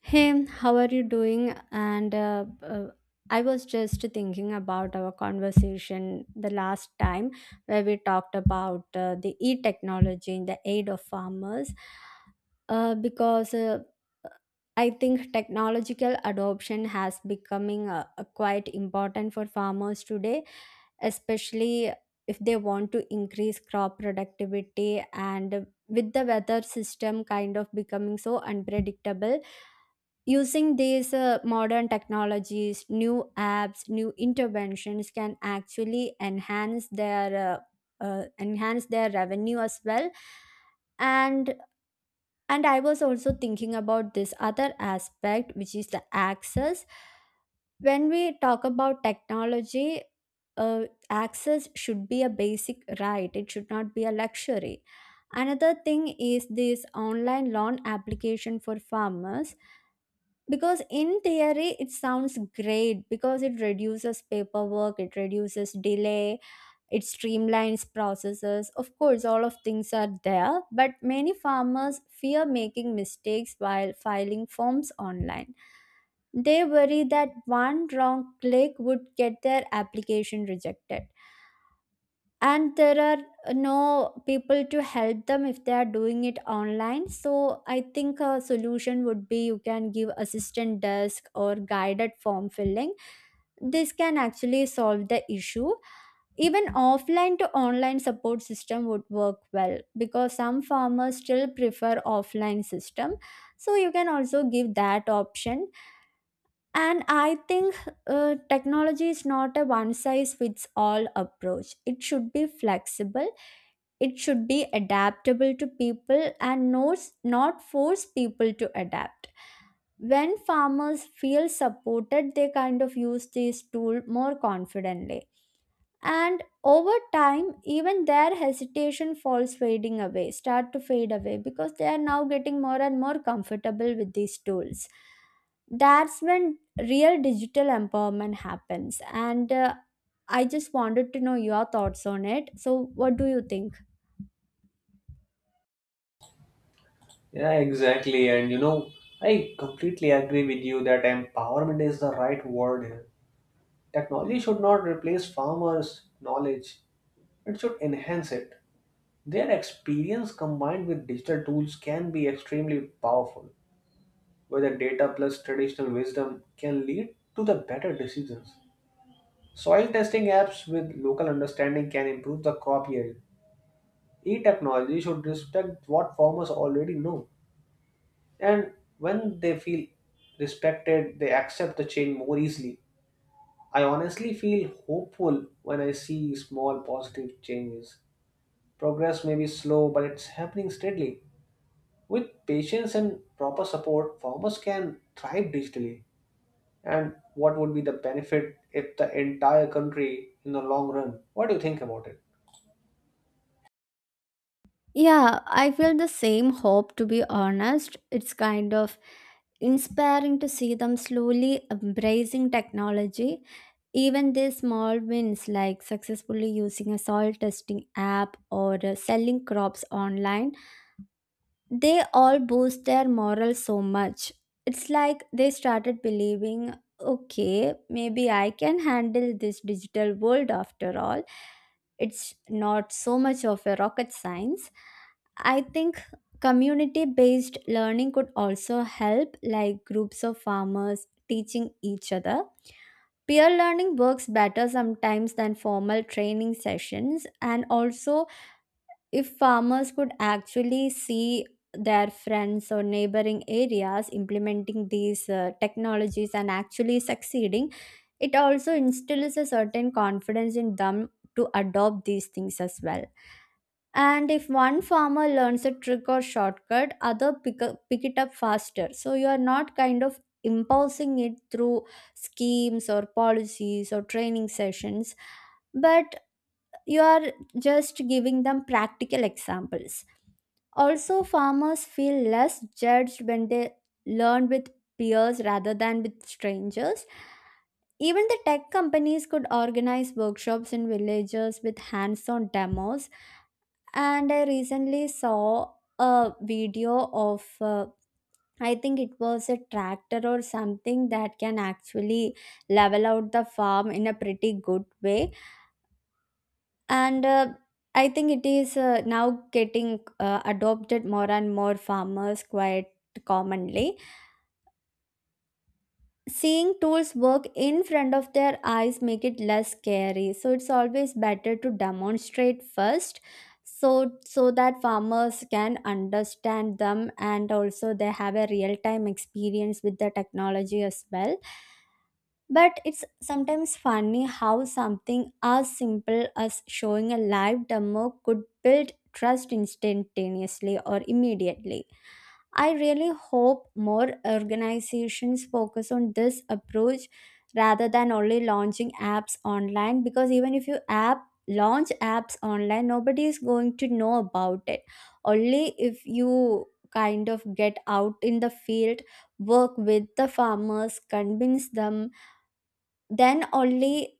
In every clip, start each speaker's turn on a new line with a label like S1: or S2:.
S1: Hey, how are you doing? And I was just thinking about our conversation the last time where we talked about the e technology in the aid of farmers, because I think technological adoption has becoming quite important for farmers today, especially if they want to increase crop productivity, and with the weather system kind of becoming so unpredictable, using these modern technologies, new apps, new interventions can actually enhance their revenue as well. And and I was also thinking about this other aspect, which is the access. When we talk about technology, uh, access should be a basic right, it should not be a luxury. Another thing is this online loan application for farmers, because in theory it sounds great because it reduces paperwork, it reduces delay, it streamlines processes. Of course, all of things are there, but many farmers fear making mistakes while filing forms online. They worry that one wrong click would get their application rejected. And there are no people to help them if they are doing it online. So I think a solution would be you can give assistant desk or guided form filling. This can actually solve the issue. Even offline to online support system would work well, because some farmers still prefer offline system, so you can also give that option. And I think technology is not a one size fits all approach. It should be flexible, it should be adaptable to people, and not, not force people to adapt. When farmers feel supported, they kind of use this tool more confidently, and over time even their hesitation falls fading away, start to fade away, because they are now getting more and more comfortable with these tools. That's when real digital empowerment happens. And I just wanted to know your thoughts on it. So what do you think?
S2: Yeah, exactly. And you know, I completely agree with you that empowerment is the right word here. Technology should not replace farmers' knowledge, it should enhance it. Their experience combined with digital tools can be extremely powerful, where the data plus traditional wisdom can lead to the better decisions. Soil testing apps with local understanding can improve the crop yield. E technology should respect what farmers already know. And when they feel respected, they accept the change more easily. I honestly feel hopeful when I see small positive changes. Progress may be slow, but it's happening steadily. With patience and proper support, farmers can thrive digitally. And what would be the benefit if the entire country in the long run? What do you think about it?
S1: Yeah, I feel the same hope, to be honest. It's kind of inspiring to see them slowly embracing technology. Even these small wins, like successfully using a soil testing app or selling crops online, they all boost their morale so much. It's like they started believing, okay, maybe I can handle this digital world after all. It's not so much of a rocket science. I think community based learning could also help, like groups of farmers teaching each other. Peer learning works better sometimes than formal training sessions, and also if farmers could actually see their friends or neighboring areas implementing these technologies and actually succeeding, it also instills a certain confidence in them to adopt these things as well. And if one farmer learns a trick or shortcut, other pick, up, pick it up faster. So you are not kind of imposing it through schemes or policies or training sessions, but you are just giving them practical examples. Also, farmers feel less judged when they learn with peers rather than with strangers. Even the tech companies could organize workshops in villages with hands on demos. And I recently saw a video of, I think it was a tractor or something that can actually level out the farm in a pretty good way, and I think it is now getting adopted more and more farmers quite commonly. Seeing tools work in front of their eyes make it less scary, so it's always better to demonstrate first, so that farmers can understand them, and also they have a real time experience with the technology as well. But it's sometimes funny how something as simple as showing a live demo could build trust instantaneously or immediately. I really hope more organizations focus on this approach rather than only launching apps online, because even if you app launch apps online, nobody is going to know about it. Only if you kind of get out in the field, work with the farmers, convince them, then only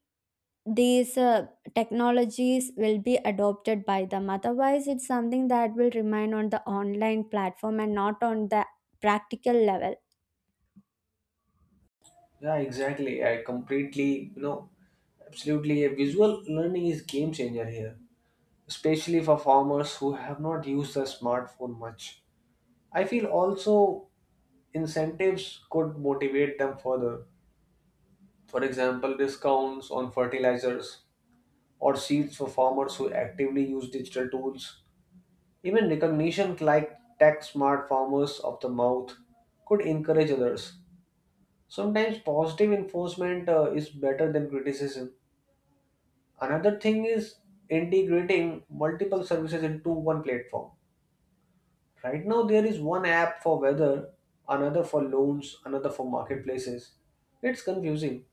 S1: these technologies will be adopted by them. Otherwise it's something that will remain on the online platform and not on the practical level.
S2: Yeah, exactly. I completely, you know, absolutely. A visual learning is game changer here especially for farmers who have not used the smartphone much. I feel also incentives could motivate them further. For example, discounts on fertilizers or seeds for farmers who actively use digital tools. Even recognition like Tech Smart Farmers of the Mouth could encourage others. Sometimes positive enforcement is better than criticism. Another thing is integrating multiple services into one platform. Right now, there is one app for weather, another for loans, another for marketplaces. It's confusing.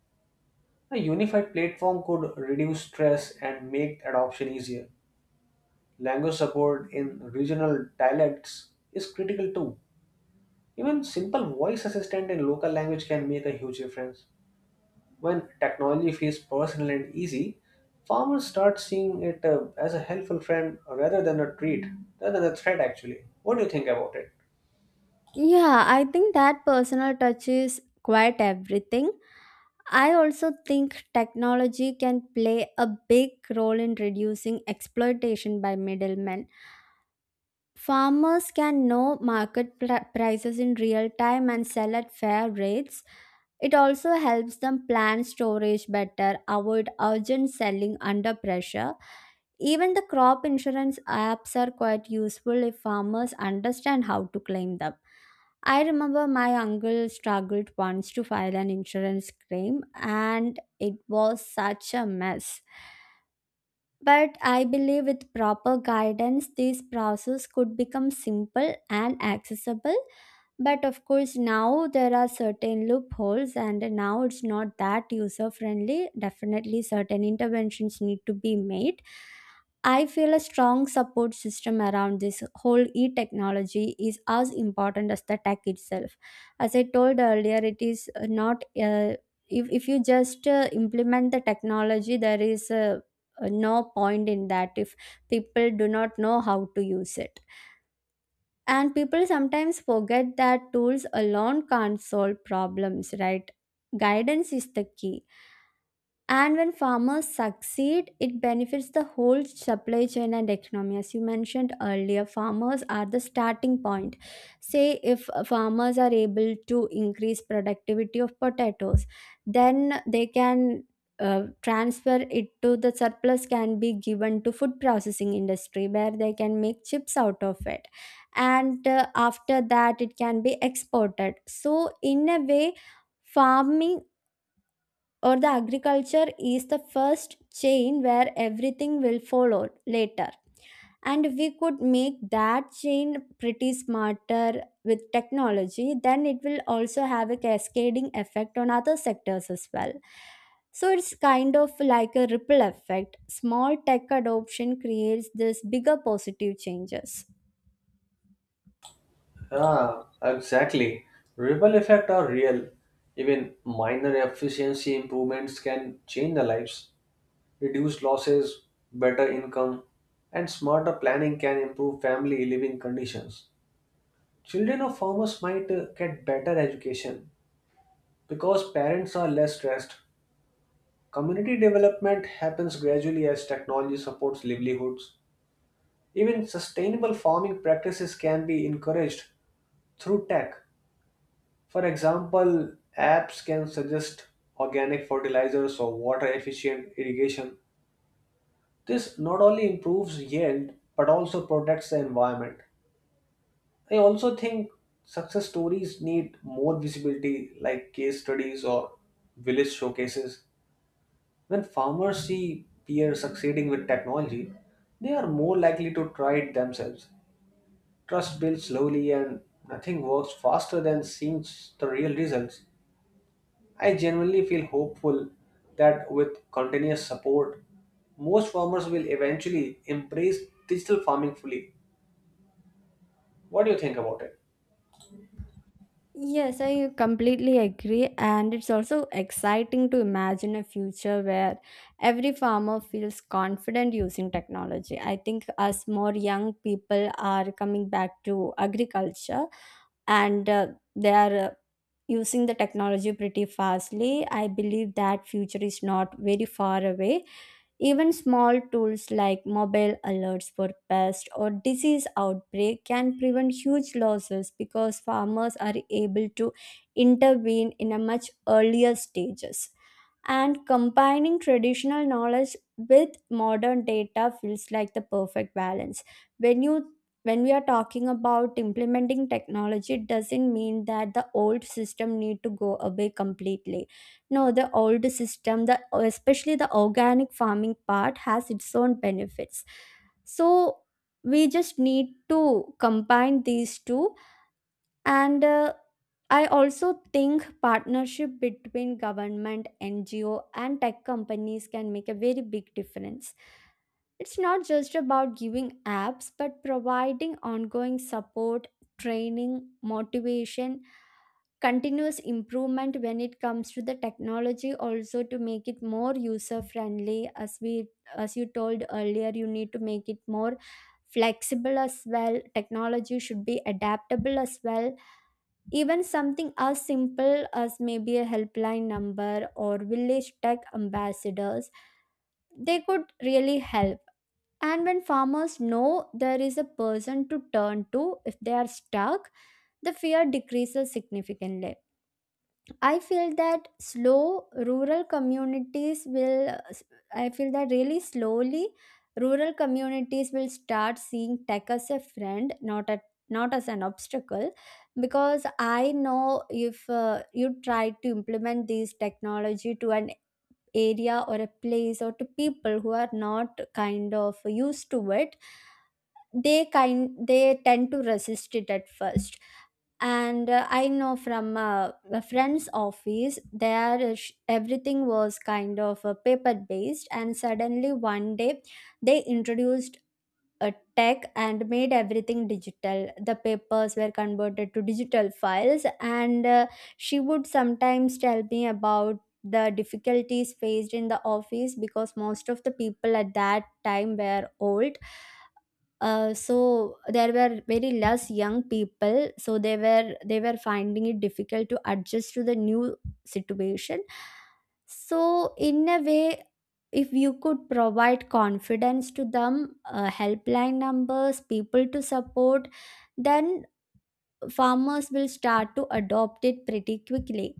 S2: A unified platform could reduce stress and make adoption easier. Language support in regional dialects is critical too. Even simple voice assistant in local language can make a huge difference. When technology feels personal and easy, farmers start seeing it as a helpful friend rather than a treat, rather than a threat actually. What do you think about it?
S1: Yeah, I think that personal touch is quite everything. I also think technology can play a big role in reducing exploitation by middlemen. Farmers can know market pr- prices in real time and sell at fair rates. It also helps them plan storage better, avoid urgent selling under pressure. Even the crop insurance apps are quite useful if farmers understand how to claim them. I remember my uncle struggled once to file an insurance claim and it was such a mess. But I believe with proper guidance, this process could become simple and accessible. But of course, now there are certain loopholes, and now it's not that user friendly. Definitely, certain interventions need to be made. I feel a strong support system around this whole e technology is as important as the tech itself. As I told earlier, it is not. If you just implement the technology, there is a no point in that if people do not know how to use it. And people sometimes forget that tools alone can't solve problems, right? Guidance is the key. And when farmers succeed, it benefits the whole supply chain and economy. As you mentioned earlier, farmers are the starting point. Say, if farmers are able to increase productivity of potatoes, then they can transfer it to the surplus can be given to food processing industry, where they can make chips out of it, and after that it can be exported. So in a way, farming or the agriculture is the first chain where everything will follow later. And if we could make that chain pretty smarter with technology, then it will also have a cascading effect on other sectors as well. So it's kind of like a ripple effect, small tech adoption creates this bigger positive changes.
S2: Ah, exactly. Ripple effects are real. Even minor efficiency improvements can change the lives. Reduced losses, better income, and smarter planning can improve family living conditions. Children of farmers might get better education because parents are less stressed. Community development happens gradually as technology supports livelihoods. Even sustainable farming practices can be encouraged through tech. For example, apps can suggest organic fertilizers or water efficient irrigation. This not only improves yield but also protects the environment. I also think success stories need more visibility, like case studies or village showcases. When farmers see peers succeeding with technology, they are more likely to try it themselves. Trust builds slowly, and nothing works faster than seeing the real results. I genuinely feel hopeful that with continuous support, most farmers will eventually embrace digital farming fully. What do you think about it?
S1: Yes, I completely agree. And it's also exciting to imagine a future where every farmer feels confident using technology. I think as more young people are coming back to agriculture, and they are using the technology pretty fastly, I believe that future is not very far away. Even small tools like mobile alerts for pest or disease outbreak can prevent huge losses, because farmers are able to intervene in a much earlier stages. And combining traditional knowledge with modern data feels like the perfect balance. When you when we are talking about implementing technology, it doesn't mean that the old system need to go away completely. No, the old system, the especially the organic farming part has its own benefits. So we just need to combine these two. And I also think partnership between government, NGO and tech companies can make a very big difference. It's not just about giving apps, but providing ongoing support, training, motivation, continuous improvement when it comes to the technology also, to make it more user friendly. As we as you told earlier, you need to make it more flexible as well, technology should be adaptable as well. Even something as simple as maybe a helpline number or village tech ambassadors, they could really help. And when farmers know there is a person to turn to if they are stuck, the fear decreases significantly. I feel that slow rural communities will, I feel that really slowly rural communities will start seeing tech as a friend, not as an obstacle. Because I know if you try to implement this technology to an area or a place or to people who are not kind of used to it, they tend to resist it at first. And I know from a friend's office there, everything was kind of paper based, and suddenly one day they introduced a tech and made everything digital, the papers were converted to digital files. And she would sometimes tell me about the difficulties faced in the office because most of the people at that time were old. So there were very less young people, so they were finding it difficult to adjust to the new situation. So in a way, if you could provide confidence to them, helpline numbers, people to support, then farmers will start to adopt it pretty quickly.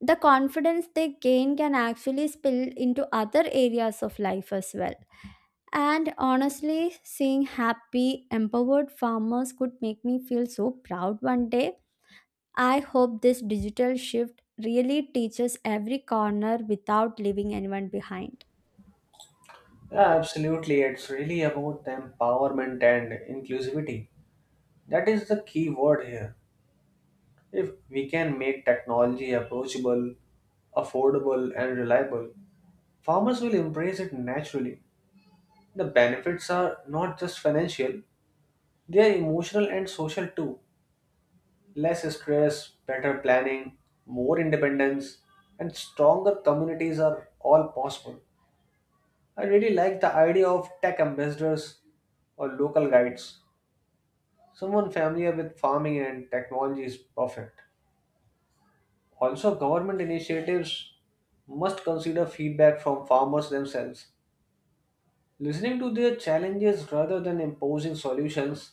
S1: The confidence they gain can actually spill into other areas of life as well. And honestly, seeing happy, empowered farmers could make me feel so proud one day. I hope this digital shift really teaches every corner without leaving anyone behind.
S2: Yeah, absolutely. It's really about the empowerment and inclusivity. That is the key word here. If we can make technology approachable, affordable, and reliable, farmers will embrace it naturally. The benefits are not just financial, they are emotional and social too. Less stress, better planning, more independence, and stronger communities are all possible. I really like the idea of tech ambassadors or local guides. Someone familiar with farming and technology is perfect. Also, government initiatives must consider feedback from farmers themselves. Listening to their challenges rather than imposing solutions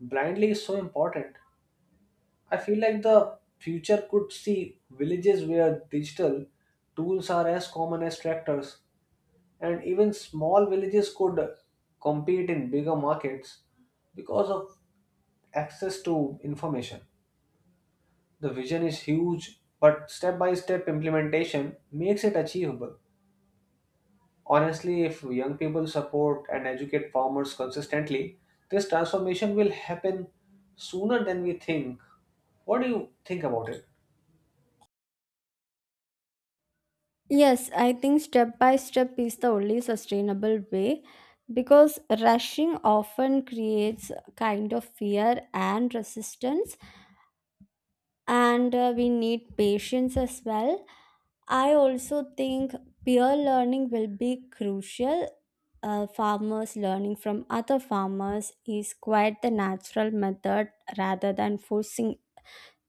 S2: blindly is so important. I feel like the future could see villages where digital tools are as common as tractors, and even small villages could compete in bigger markets because of access to information. The vision is huge, but step by step implementation makes it achievable. Honestly, if young people support and educate farmers consistently, this transformation will happen sooner than we think. What do you think about it?
S1: Yes, I think step by step is the only sustainable way, because rushing often creates a kind of fear and resistance, and we need patience as well. I also think peer learning will be crucial. Farmers learning from other farmers is quite the natural method, rather than forcing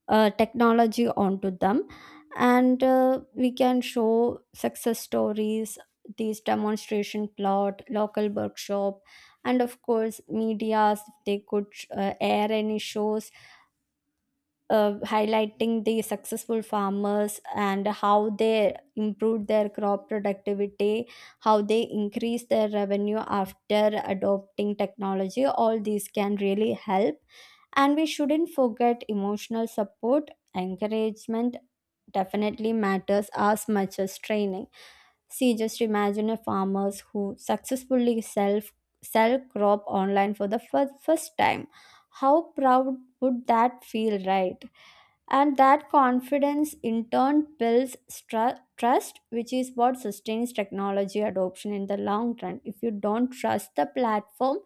S1: technology onto them. And we can show success stories, these demonstration plot, local workshop, and of course, medias. If they could air any shows highlighting the successful farmers and how they improved their crop productivity, how they increased their revenue after adopting technology. All these can really help. And we shouldn't forget emotional support, encouragement definitely matters as much as training. See, just imagine a farmers who successfully sell, sell crop online for the fir- first time, how proud would that feel, right? And that confidence in turn builds stru- trust, which is what sustains technology adoption in the long run. If you don't trust the platform,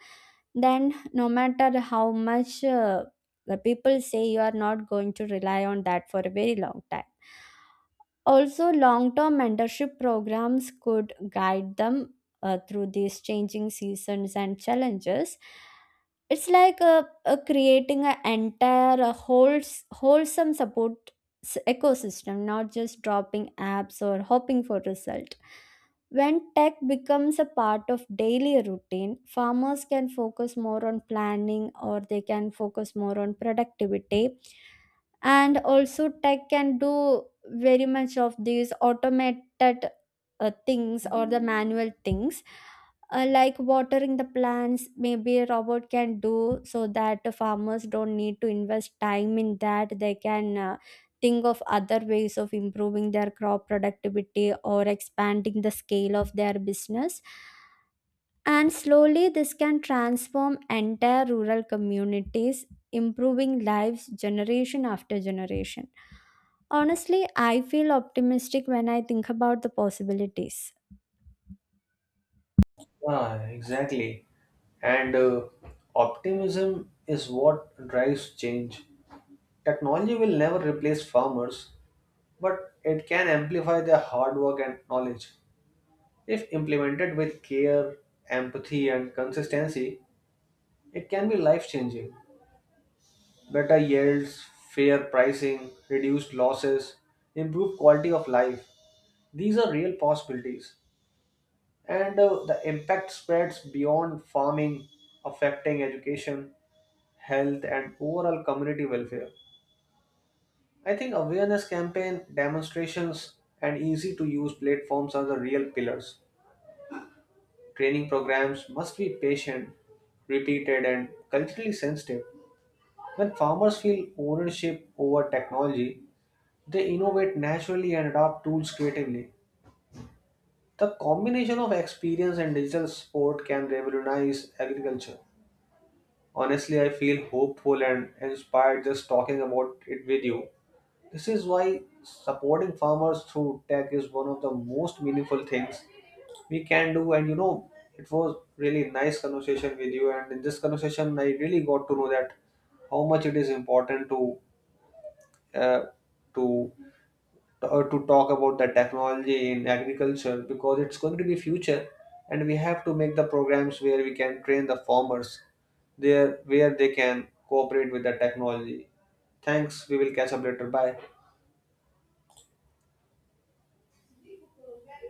S1: then no matter how much the people say, you are not going to rely on that for a very long time. Also, long term mentorship programs could guide them through these changing seasons and challenges. It's like creating an entire wholesome support ecosystem, not just dropping apps or hoping for result. When tech becomes a part of daily routine, farmers can focus more on planning or they can focus more on productivity. And also, tech can do very much of these automated things or the manual things, like watering the plants, maybe a robot can do, so that the farmers don't need to invest time in that. They can think of other ways of improving their crop productivity or expanding the scale of their business. And slowly, this can transform entire rural communities, improving lives generation after generation. Honestly, I feel optimistic when I think about the possibilities.
S2: Yeah, exactly. And Optimism is what drives change. Technology will never replace farmers, but it can amplify their hard work and knowledge. If implemented with care, empathy, and consistency, it can be life changing. Better yields, fair pricing, reduced losses, improved quality of life. These are real possibilities. And The impact spreads beyond farming, affecting education health, and overall community welfare. I think awareness campaign, demonstrations, and easy to use platforms are the real pillars. Training programs must be patient, repeated, and culturally sensitive. When farmers feel ownership over technology, they innovate naturally and adopt tools creatively. The combination of experience and digital support can revolutionize agriculture. Honestly, I feel hopeful and inspired just talking about it with you. This is why supporting farmers through tech is one of the most meaningful things we can do. And you know, it was really nice conversation with you. And in this conversation, I really got to know that how much it is important uh, to to talk about the technology in agriculture because it's going to be future, and we have to make the programs where we can train the farmers there where they can cooperate with the technology. Thanks. We will catch up later. Bye.